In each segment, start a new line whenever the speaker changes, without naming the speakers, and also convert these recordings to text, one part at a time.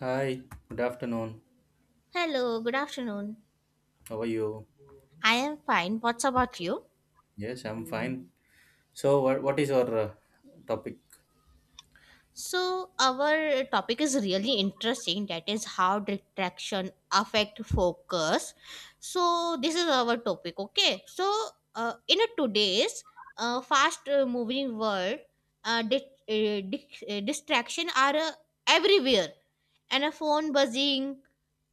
Hi, good afternoon.
Hello, good afternoon.
How are you?
I am fine. What's about you?
Yes, I'm fine. So, what is your topic?
So, our topic is really interesting that is how distraction affect focus. So, this is our topic, okay? So, in a today's fast moving world, distraction are everywhere, and a phone buzzing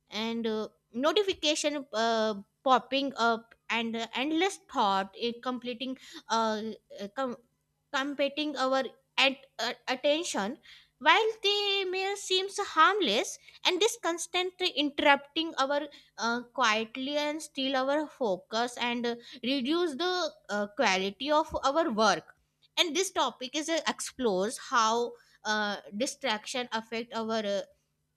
and notification popping up and endless thought in completing uh, uh, com- competing our attention while the mail seems harmless and this constantly interrupting our quietly and steal our focus and reduce the quality of our work. And this topic is explores how distraction affect our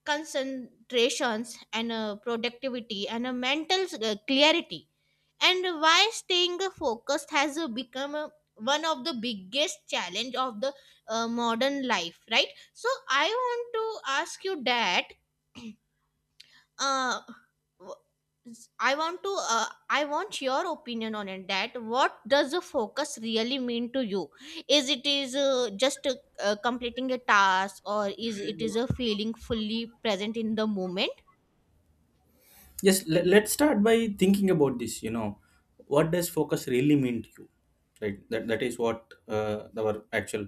concentrations and productivity and mental clarity, and why staying focused has become one of the biggest challenge of the modern life, right? So I want to ask you that uh, w- I want your opinion on it, that what does a focus really mean to you? Is it is just completing a task, or is it is a feeling fully present in the moment?
Yes, let's start by thinking about this. You know, what does focus really mean to you? Right, that is what our actual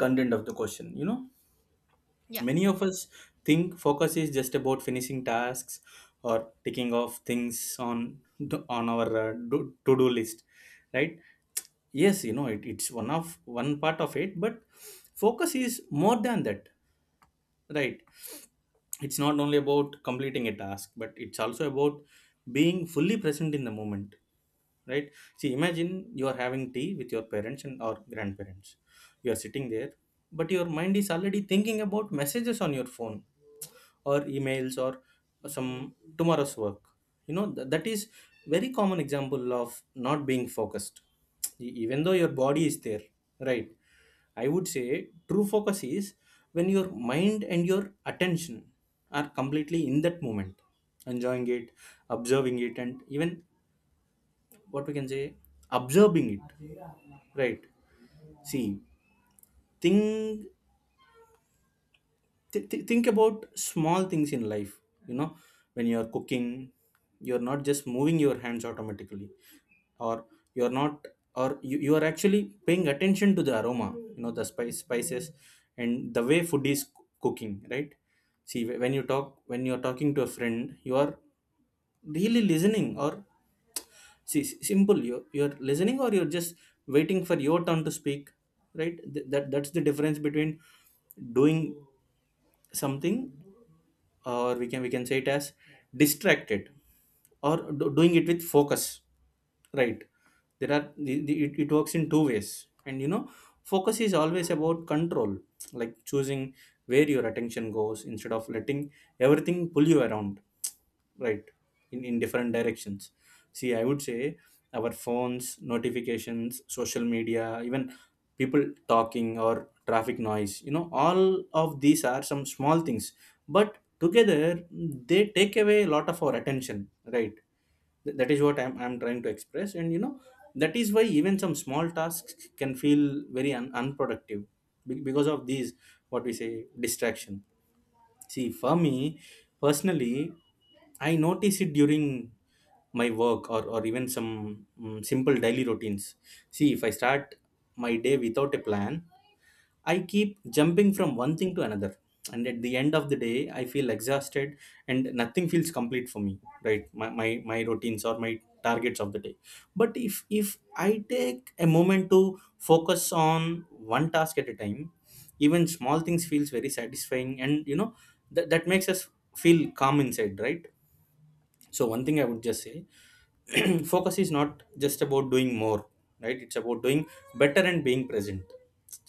content of the question. You know,
Yeah.
many of us think focus is just about finishing tasks or ticking off things on our to-do list, right? Yes, you know, it's one of one part of it, but focus is more than that. Right. It's not only about completing a task, but it's also about being fully present in the moment. Right. See, imagine you are having tea with your parents and or grandparents. You are sitting there, but your mind is already thinking about messages on your phone or emails or some tomorrow's work. You know that is very common example of not being focused, even though your body is there. Right. I would say true focus is when your mind and your attention are completely in that moment, enjoying it, observing it, and even what we can say, observing it. Right? See, think think about small things in life. You know, when you are cooking, you are not just moving your hands automatically, or you're not or you are actually paying attention to the aroma, you know, the spices and the way food is cooking. Right? See, when you're talking to a friend, you are really listening? Or see, simple, you're listening or you're just waiting for your turn to speak. Right? That that's the difference between doing something, or we can say it as distracted, or doing it with focus. Right? There are it works in two ways, and you know, focus is always about control, like choosing where your attention goes instead of letting everything pull you around, right, in different directions. See, I would say our phones, notifications, social media, even people talking or traffic noise, you know, all of these are some small things, but together they take away a lot of our attention. Right? That is what I'm trying to express, and you know, that is why even some small tasks can feel very unproductive. Because of these, what we say, distraction. See, for me, personally, I notice it during my work, or even some simple daily routines. See, if I start my day without a plan, I keep jumping from one thing to another. And at the end of the day, I feel exhausted and nothing feels complete for me, right? My routines or my targets of the day. But if I take a moment to focus on one task at a time, even small things feels very satisfying, and you know, that makes us feel calm inside, right? So one thing I would just say, focus is not just about doing more, right, it's about doing better and being present.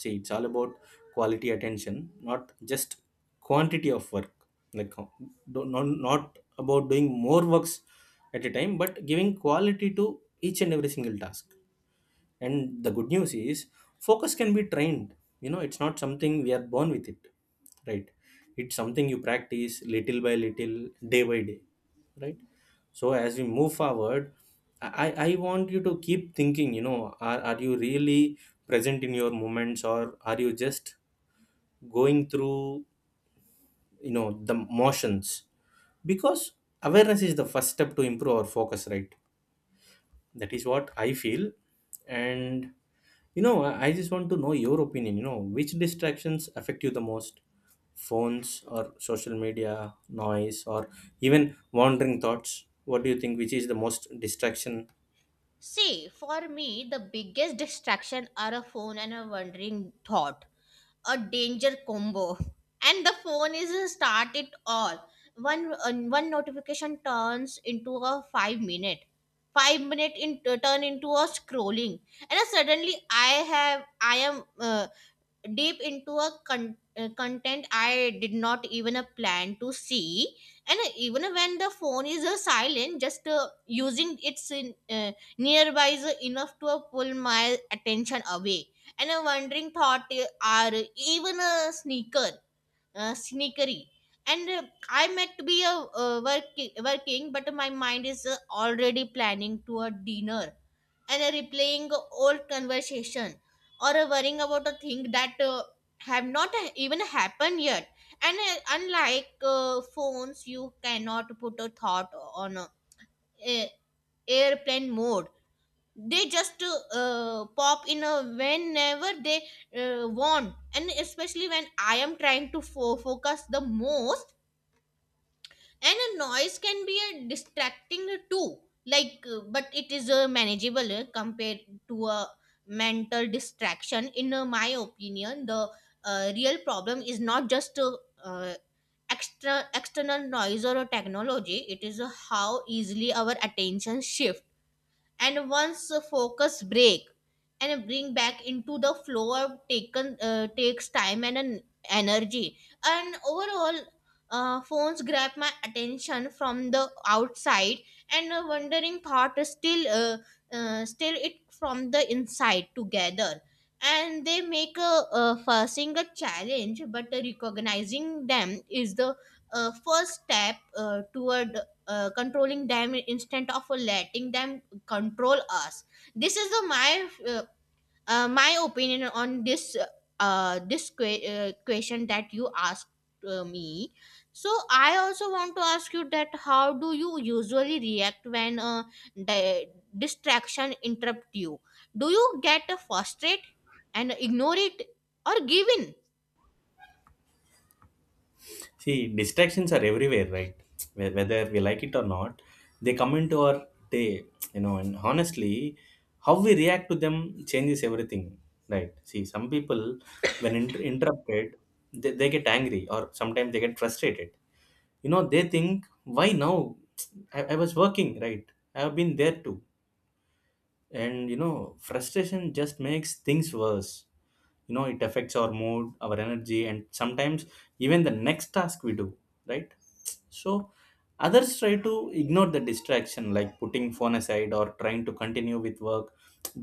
See, it's all about quality attention, not just quantity of work. Like not about doing more works at a time, but giving quality to each and every single task. And the good news is focus can be trained. You know, it's not something we are born with it, right. It's something you practice little by little, day by day. Right. So as we move forward, I want you to keep thinking, you know, are you really present in your moments, or are you just going through, you know, the motions, because awareness is the first step to improve our focus. Right? That is what I feel. And you know, I just want to know your opinion, you know, which distractions affect you the most? Phones or social media, noise, or even wandering thoughts? What do you think, which is the most distraction?
See, for me, the biggest distraction are a phone and a wandering thought, a danger combo. And the phone is a start it all. One notification turns into a 5 minute, 5 minute in, turn into a scrolling, and suddenly I have I am deep into a content I did not even plan to see. And even when the phone is silent, just using its nearby is enough to pull my attention away. And a wandering thought are even a sneaker, sneakery. And I meant to be working, but my mind is already planning to a dinner and replaying old conversation or worrying about a thing that have not even happened yet. And unlike phones, you cannot put a thought on a- airplane mode. They just pop in whenever they want, and especially when I am trying to focus the most. And a noise can be a distracting too, like, but it is a manageable compared to a mental distraction. In my opinion, the real problem is not just uh, extra external noise or a technology. It is how easily our attention shifts, and once the focus break and bring back into the flow of taken takes time and an energy. And overall, phones grab my attention from the outside, and a wandering thought is still it from the inside together, and they make a facing a challenge, but recognizing them is the first step toward controlling them instead of letting them control us. This is the my my opinion on this question that you asked me. So I also want to ask you that, how do you usually react when a di- distraction interrupt you? Do you get frustrated and ignore it, or give in?
See, distractions are everywhere, right? Whether we like it or not, they come into our day, you know. And honestly, how we react to them changes everything, right? See, some people, when interrupted, they get angry, or sometimes they get frustrated. You know, they think, why now? I was working, right? I have been there too, and you know, frustration just makes things worse. You know, it affects our mood, our energy, and sometimes even the next task we do. Right? So others try to ignore the distraction, like putting phone aside or trying to continue with work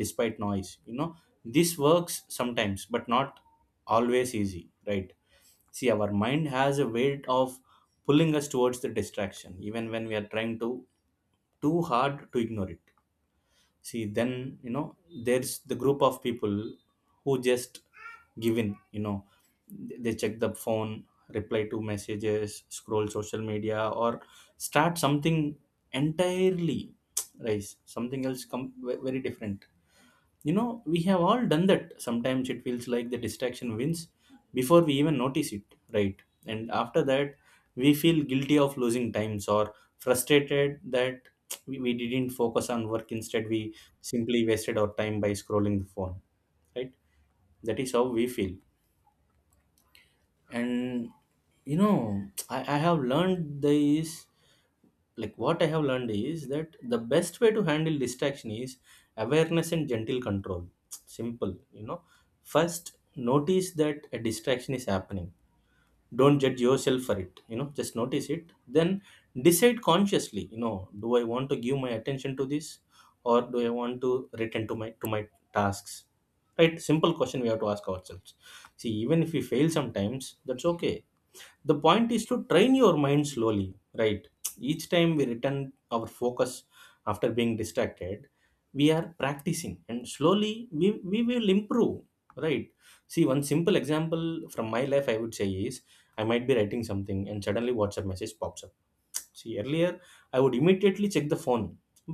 despite noise. You know, this works sometimes but not always easy. Right? See, our mind has a weight of pulling us towards the distraction even when we are trying to too hard to ignore it. See, then, you know, there's the group of people who just give in. You know, they check the phone, reply to messages, scroll social media, or start something entirely right, something else come, very different. You know, we have all done that. Sometimes it feels like the distraction wins before we even notice it. Right? And after that, we feel guilty of losing times, or frustrated that we didn't focus on work, instead we simply wasted our time by scrolling the phone. Right? That is how we feel. And you know, I have learned this. Like what I have learned is that the best way to handle distraction is awareness and gentle control. Simple, you know. First, notice that a distraction is happening. Don't judge yourself for it, you know, just notice it. Then decide consciously, you know, do I want to give my attention to this, or do I want to return to my tasks? Right? Simple question we have to ask ourselves. See, even if we fail sometimes, that's okay. The point is to train your mind slowly. Right. Each time we return our focus after being distracted, we are practicing, and slowly we will improve. Right. See, one simple example from my life I would say is, I might be writing something and suddenly WhatsApp message pops up. See, earlier I would immediately check the phone,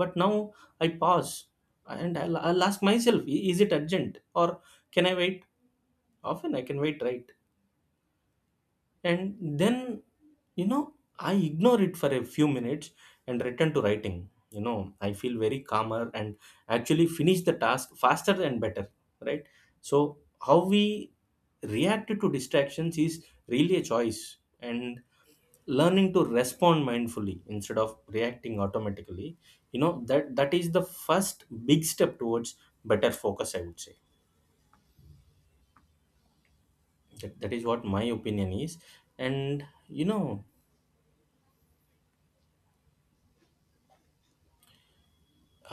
but now I pause and I'll ask myself, "I- "is it urgent, or can I wait?" Often I can wait. Right. And then, you know, I ignore it for a few minutes and return to writing. You know, I feel very calmer and actually finish the task faster and better. Right. So how we react to distractions is really a choice, and learning to respond mindfully instead of reacting automatically, you know, that that is the first big step towards better focus, I would say. That is what my opinion is. And you know,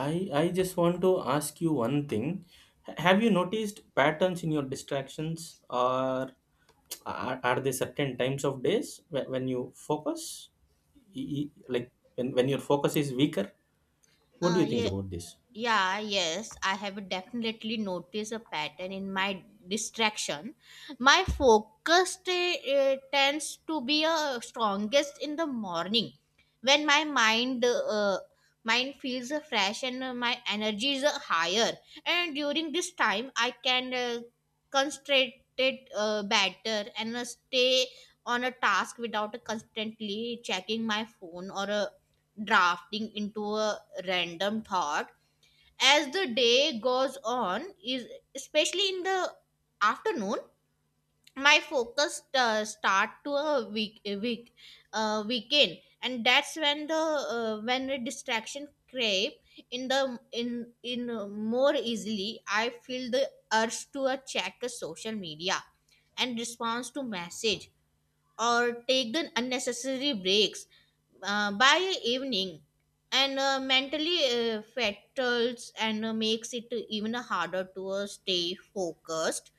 I just want to ask you one thing. Have you noticed patterns in your distractions, or are there certain times of days when you focus, like when your focus is weaker? What do
Uh,
you think
yeah,
about this?
Yeah, yes, I have definitely noticed a pattern in my distraction. My focus tends to be strongest in the morning when my mind feels fresh and my energy is higher. And during this time, I can concentrate it better and stay on a task without constantly checking my phone or drafting into a random thought. As the day goes on, is especially in the afternoon, my focus start to a week weekend, and that's when the distraction crave in the in more easily. I feel the urge to check the social media and response to message, or taken unnecessary breaks by evening, and mentally fatals and makes it even harder to stay focused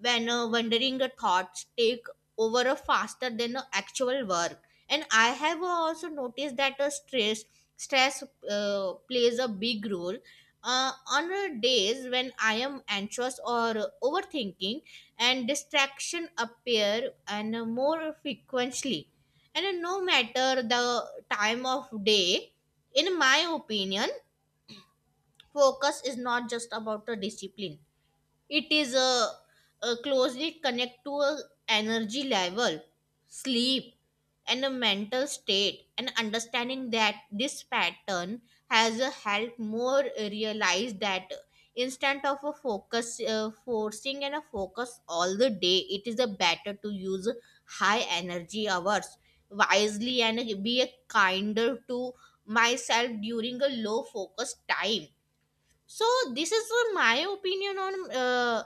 when wandering thoughts take over a faster than the actual work. And I have also noticed that stress plays a big role on days when I am anxious or overthinking, and distraction appear and more frequently, and no matter the time of day. In my opinion, focus is not just about the discipline, it is closely connected to a energy level, sleep, and a mental state. And understanding that this pattern has helped more realize that, instead of a focus forcing and a focus all the day, it is a better to use high energy hours wisely and be a kinder to myself during a low focus time. So this is my opinion on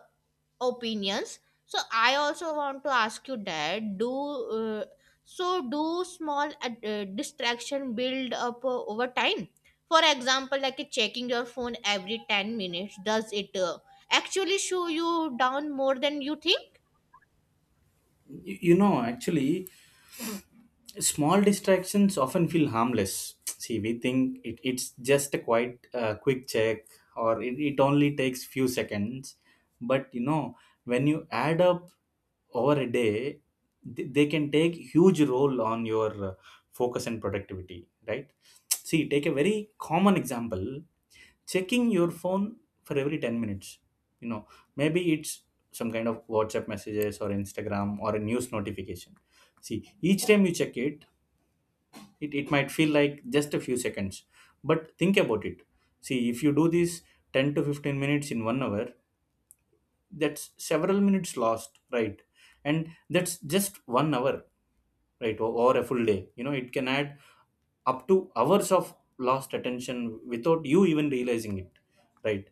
opinions. So I also want to ask you that, do uh, so do small distraction build up over time? For example, like checking your phone every 10 minutes, does it actually show you down more than you think?
You you, know, actually, small distractions often feel harmless. See, we think it's just a quite quick check, or it only takes few seconds. But you know, when you add up over a day, they can take huge role on your focus and productivity. Right? See, take a very common example, checking your phone for every 10 minutes. You know, maybe it's some kind of WhatsApp messages or Instagram or a news notification. See, each time you check it, it might feel like just a few seconds, but think about it. See, if you do this 10 to 15 minutes in 1 hour, that's several minutes lost. Right? And that's just 1 hour. Right? Or a full day, you know, it can add up to hours of lost attention without you even realizing it. Right?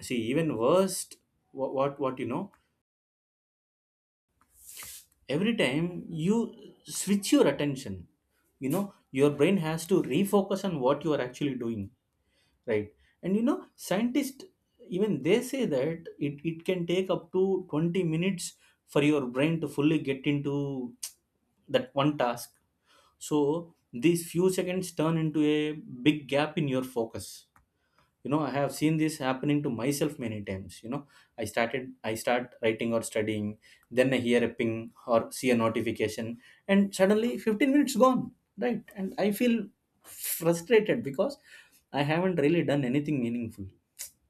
See, even worst, what, you know, every time you switch your attention, you know, your brain has to refocus on what you are actually doing. Right? And you know, scientists even, they say that it can take up to 20 minutes for your brain to fully get into that one task. So these few seconds turn into a big gap in your focus. You know, I have seen this happening to myself many times. You know, I start writing or studying, then I hear a ping or see a notification, and suddenly 15 minutes gone. Right? And I feel frustrated because I haven't really done anything meaningful.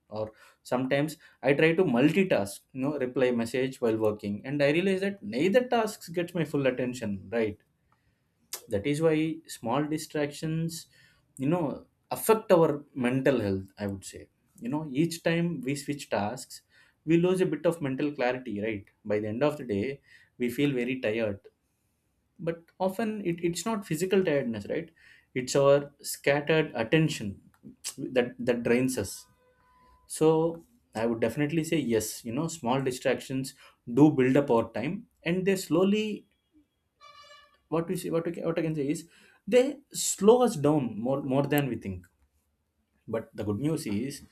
Or sometimes I try to multitask, you know, reply message while working, and I realize that neither tasks gets my full attention. Right? That is why small distractions, you know, affect our mental health, I would say. You know, each time we switch tasks, we lose a bit of mental clarity. Right? By the end of the day, we feel very tired, but often it's not physical tiredness. Right? It's Our scattered attention that drains us. So I would definitely say yes, you know, small distractions do build up over time, and they slowly— what we see, what we can, what I can say is they slow us down more than we think. But the good news is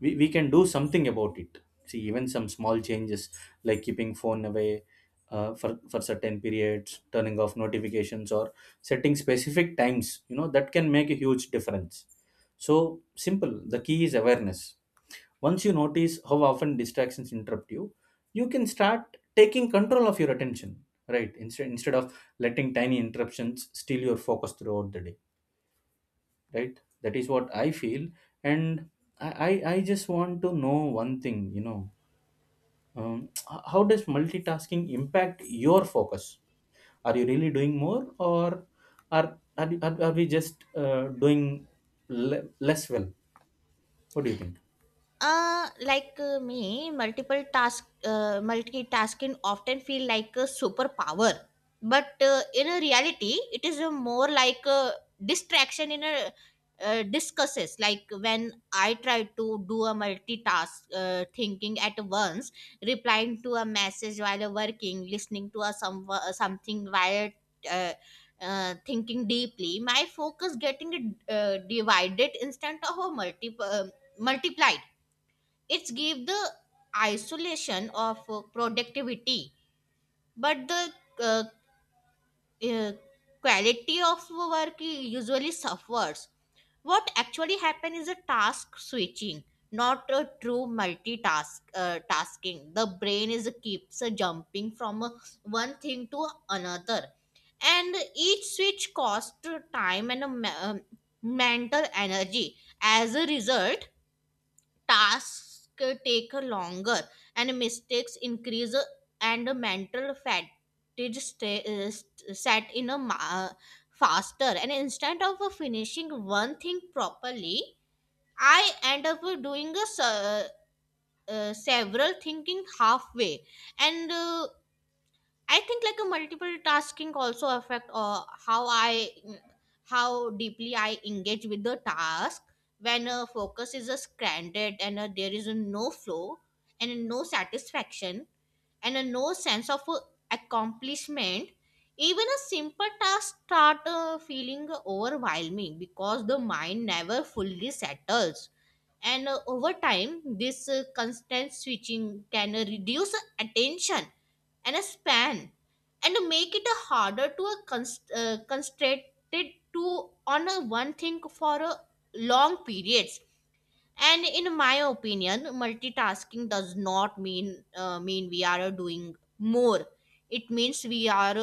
we can do something about it. See, even some small changes like keeping phone away for certain periods, turning off notifications, or setting specific times. You know, that can make a huge difference. So simple. The key is awareness. Once you notice how often distractions interrupt you, you can start taking control of your attention, right? Instead of letting tiny interruptions steal your focus throughout the day, right? That is what I feel. And I, I just want to know one thing, you know, how does multitasking impact your focus? Are you really doing more, or are we just doing less well? What do you think?
Like me, multitasking often feel like a superpower, but in a reality, it is a more like a distraction in a discusses. Like, when I try to do a multitask, thinking at once, replying to a message while working, listening to a some something while. Uh, Thinking deeply, my focus getting divided instead of a multiplied. It's gave the isolation of productivity, but the uh, uh, quality of work usually suffers. What actually happen is a task switching, not a true multitask tasking. The brain is keeps jumping from one thing to another, and each switch costs time and a mental energy. As a result, tasks take longer, and mistakes increase, and mental fatigue stay, set in a faster. And instead of finishing one thing properly, I end up doing a, several thinking halfway. And I think like a multiple tasking also affect how I how deeply I engage with the task. When a focus is a stranded, and there is a no flow and no satisfaction and a no sense of accomplishment, even a simple task start feeling overwhelming because the mind never fully settles. And over time, this constant switching can reduce attention and a span, and to make it a harder to a concentrated to on a one thing for a long periods. And in my opinion, multitasking does not mean we are doing more, it means we are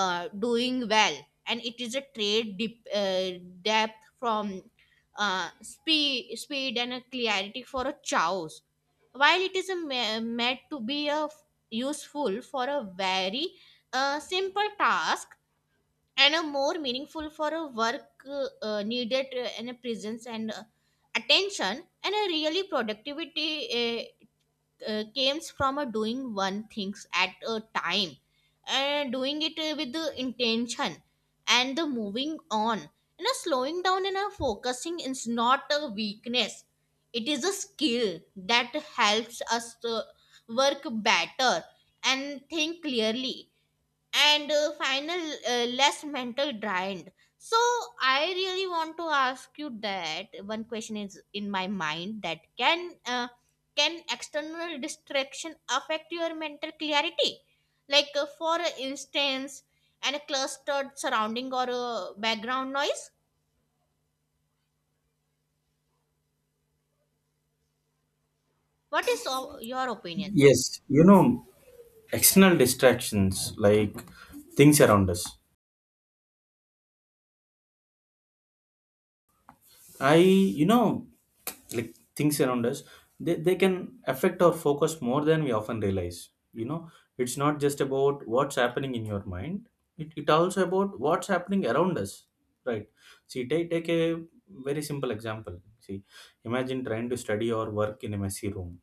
doing well. And it is a trade dip, depth from speed and a clarity for a chows. While it is a meant to be a useful for a very simple task, and a more meaningful for a work needed, and a presence and attention and a really productivity uh, comes from a doing one things at a time and doing it with the intention. And the moving on and a slowing down and a focusing is not a weakness, it is a skill that helps us to work better and think clearly, and final less mental drained. So I really want to ask you that, one question is in my mind, that can external distraction affect your mental clarity, like for instance, and a clustered surrounding or background noise? What is your opinion?
Yes, you know, external distractions like things around us, I you know like things around us, they can affect our focus more than we often realize, you know. It's not just about what's happening in your mind, it also about what's happening around us, right? See, take a very simple example. See, imagine trying to study or work in a messy room,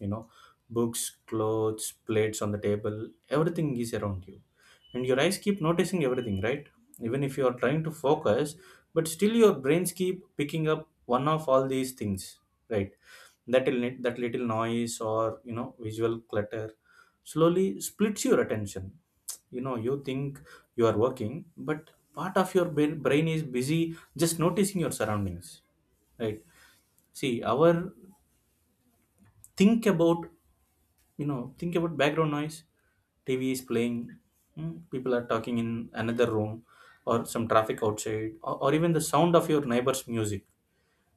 you know, books, clothes, plates on the table, everything is around you, and your eyes keep noticing everything, right? Even if you are trying to focus, but still your brains keep picking up one of all these things, right? That little noise, or, you know, visual clutter, slowly splits your attention. You know, you think you are working, but part of your brain is busy just noticing your surroundings, right? See our— think about, you know, think about background noise. TV is playing, people are talking in another room, or some traffic outside, or even the sound of your neighbor's music,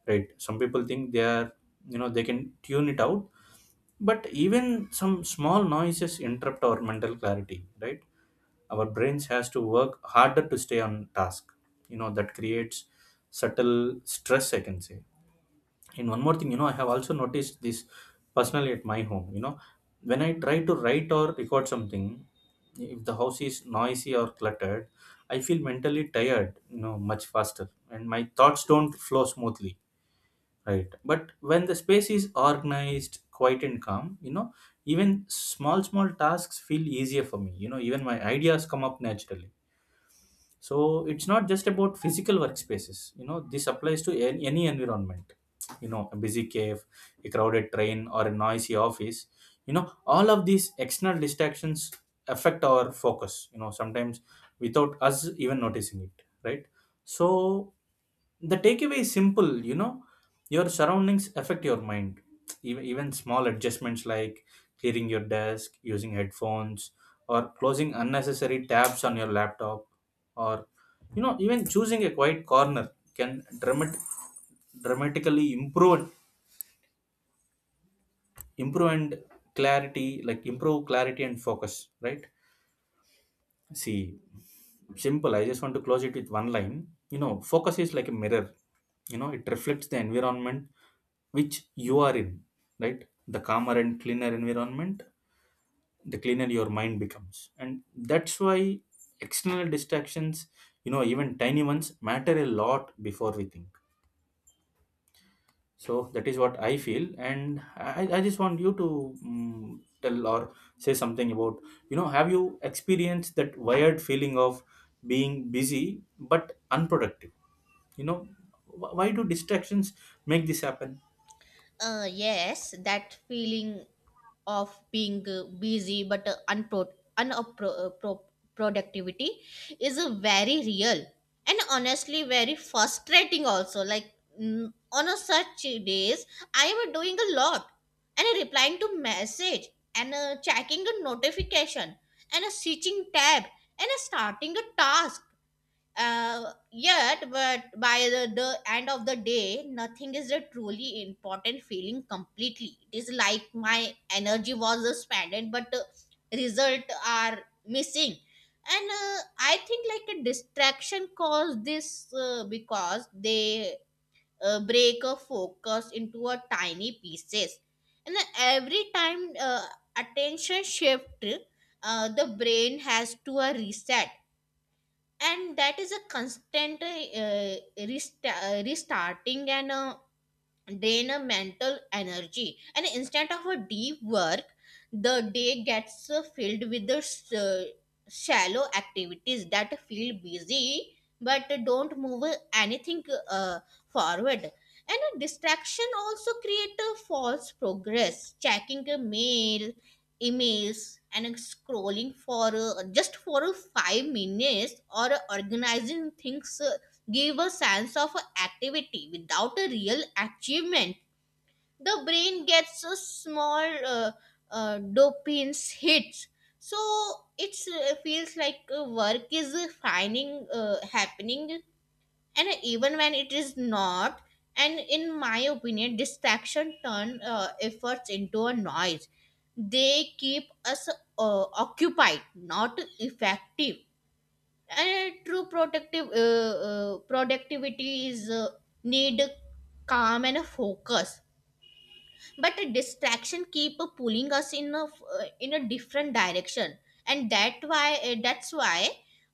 right? Some people think they are, you know, they can tune it out, but even some small noises interrupt our mental clarity, right? Our brains has to work harder to stay on task. You know, that creates subtle stress, I can say. And one more thing, you know, I have also noticed this personally at my home. You know, when I try to write or record something, if the house is noisy or cluttered, I feel mentally tired, you know, much faster, and my thoughts don't flow smoothly, right? But when the space is organized, quiet, and calm, you know, even small, small tasks feel easier for me. You know, even my ideas come up naturally. So it's not just about physical workspaces, you know, this applies to any environment. You know, a busy cave, a crowded train, or a noisy office, you know, all of these external distractions affect our focus, you know, sometimes without us even noticing it, right? So the takeaway is simple, you know, your surroundings affect your mind. Even small adjustments like clearing your desk, using headphones, or closing unnecessary tabs on your laptop, or, you know, even choosing a quiet corner can dramatically improve and improve clarity and focus, right? See, simple. I just want to close it with one line. You know, focus is like a mirror. You know, it reflects the environment which you are in, right? The calmer and cleaner environment, the cleaner your mind becomes. And that's why external distractions, you know, even tiny ones matter a lot before we think. So that is what I feel, and I just want you to tell or say something about, you know, have you experienced that wired feeling of being busy but unproductive? You know, why do distractions make this happen?
Yes, that feeling of being busy but unpro- uh, pro- productivity is a very real and honestly very frustrating also, like, on a such days, I am doing a lot, and replying to message, and checking the notification, and switching tab, and starting a task yet. But by the end of the day, nothing is a truly important feeling completely. It is like my energy was spent but result are missing. And I think like a distraction cause this because they break a focus into a tiny pieces. And every time attention shift, the brain has to a reset, and that is a constant restarting, and drain a mental energy. And instead of a deep work, the day gets filled with the shallow activities that feel busy but don't move anything uh, forward. And a distraction also create a false progress, checking a mail emails and scrolling for just for 5 minutes, or organizing things, give a sense of activity without a real achievement. The brain gets a small uh, dopamine hits, so it feels like work is finding happening, and even when it is not. And in my opinion, distraction turn efforts into a noise. They keep us occupied, not effective. And true protective productivity is need calm and focus, but the distraction keep pulling us in a different direction. And that why uh, that's why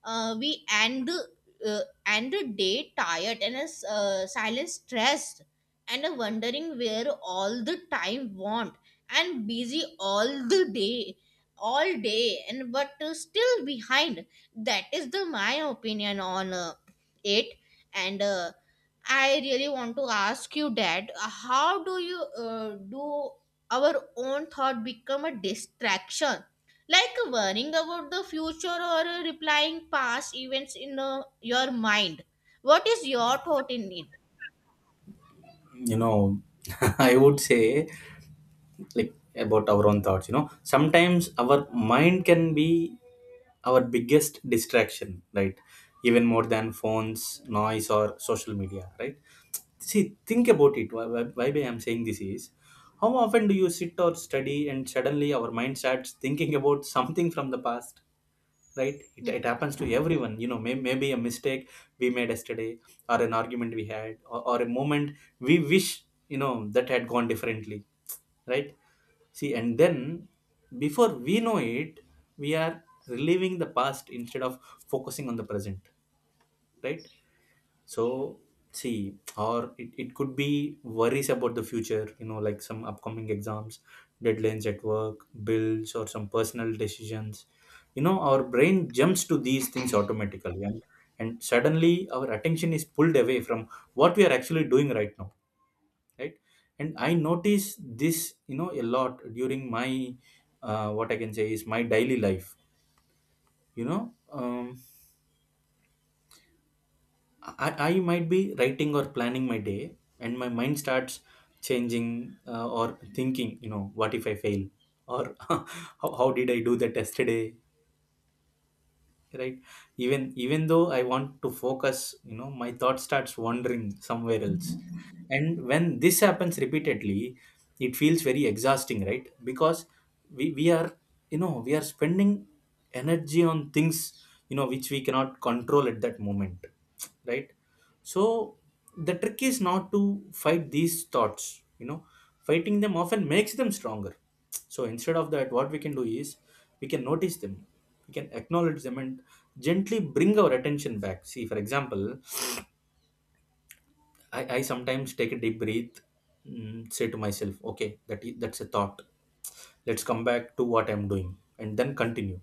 uh, we uh, end the day tired and as silent stressed, and wondering where all the time want, and busy all the day and but still behind. That is the my opinion on it. And I really want to ask you that, how do our own thought become a distraction? Like worrying about the future or replying past events in your mind. What is your thought in it?
You know, I would say like about our own thoughts. You know, sometimes our mind can be our biggest distraction, right? Even more than phones, noise, or social media, right? See, think about it. Why I'm saying this is, how often do you sit or study, and suddenly our mind starts thinking about something from the past, right? It,
Yeah,
it happens to everyone. You know, maybe a mistake we made yesterday, or an argument we had, or a moment we wish, you know, that had gone differently, right? See, and then before we know it, we are reliving the past instead of focusing on the present, right? So see, or it could be worries about the future, you know, like some upcoming exams, deadlines at work, bills, or some personal decisions. You know, our brain jumps to these things automatically, and suddenly our attention is pulled away from what we are actually doing right now, right? And I notice this, you know, a lot during my what I can say is my daily life. You know, I might be writing or planning my day, and my mind starts changing or thinking, you know, what if I fail, or how did I do that yesterday, right? Even though I want to focus, you know, my thought starts wandering somewhere else, and when this happens repeatedly, it feels very exhausting, right? Because we are, you know, we are spending energy on things, you know, which we cannot control at that moment, right? So the trick is not to fight these thoughts. You know, fighting them often makes them stronger. So instead of that, what we can do is we can notice them, we can acknowledge them, and gently bring our attention back. See, for example, I sometimes take a deep breath, say to myself, okay, that's a thought. Let's come back to what I'm doing and then continue.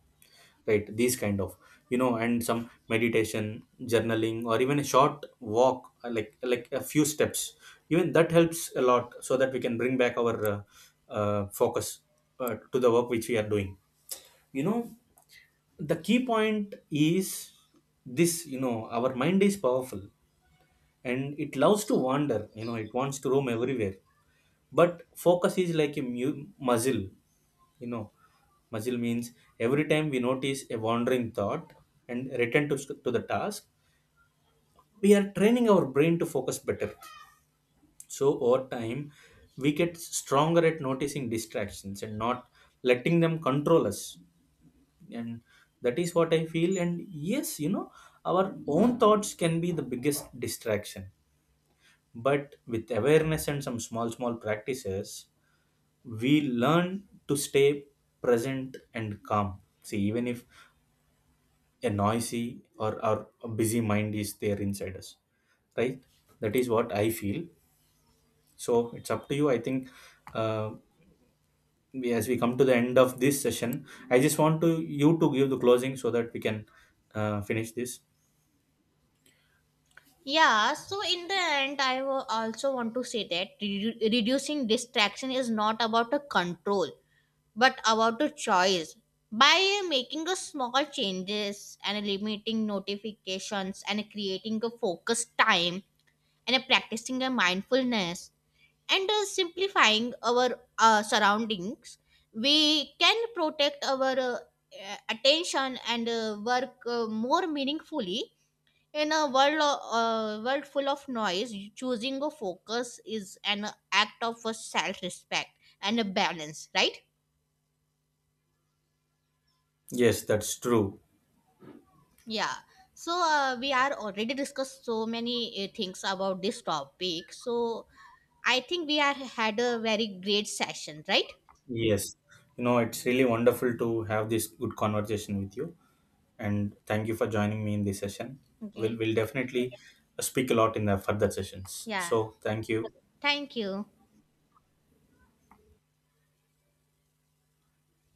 Right, these kind of, you know, and some meditation, journaling, or even a short walk, like a few steps. Even that helps a lot, so that we can bring back our focus to the work which we are doing. You know, the key point is this. You know, our mind is powerful, and it loves to wander. You know, it wants to roam everywhere, but focus is like a muzzle. You know, muzzle means every time we notice a wandering thought and return to the task, we are training our brain to focus better. So over time, we get stronger at noticing distractions and not letting them control us. And that is what I feel. And yes, you know, our own thoughts can be the biggest distraction, but with awareness and some small, small practices, we learn to stay present and calm. See, even if a noisy, or a busy mind is there inside us, right? That is what I feel. So it's up to you. I think, uh, we, as we come to the end of this session, I just want to you to give the closing so that we can finish this.
yeah, so in the end, I also want to say that reducing distraction is not about a control, but about the choice. By making a small changes and eliminating notifications and creating a focused time and practicing a mindfulness and simplifying our surroundings, we can protect our attention and work more meaningfully. In a world world full of noise, choosing a focus is an act of self respect and a balance, right?
Yes, that's true.
Yeah. So we are already discussed so many things about this topic. So I think we are had a very great session, right?
Yes. You know, it's really wonderful to have this good conversation with you. And thank you for joining me in this session.
Okay.
We'll definitely speak a lot in the further sessions.
Yeah.
So, thank you.
Thank you.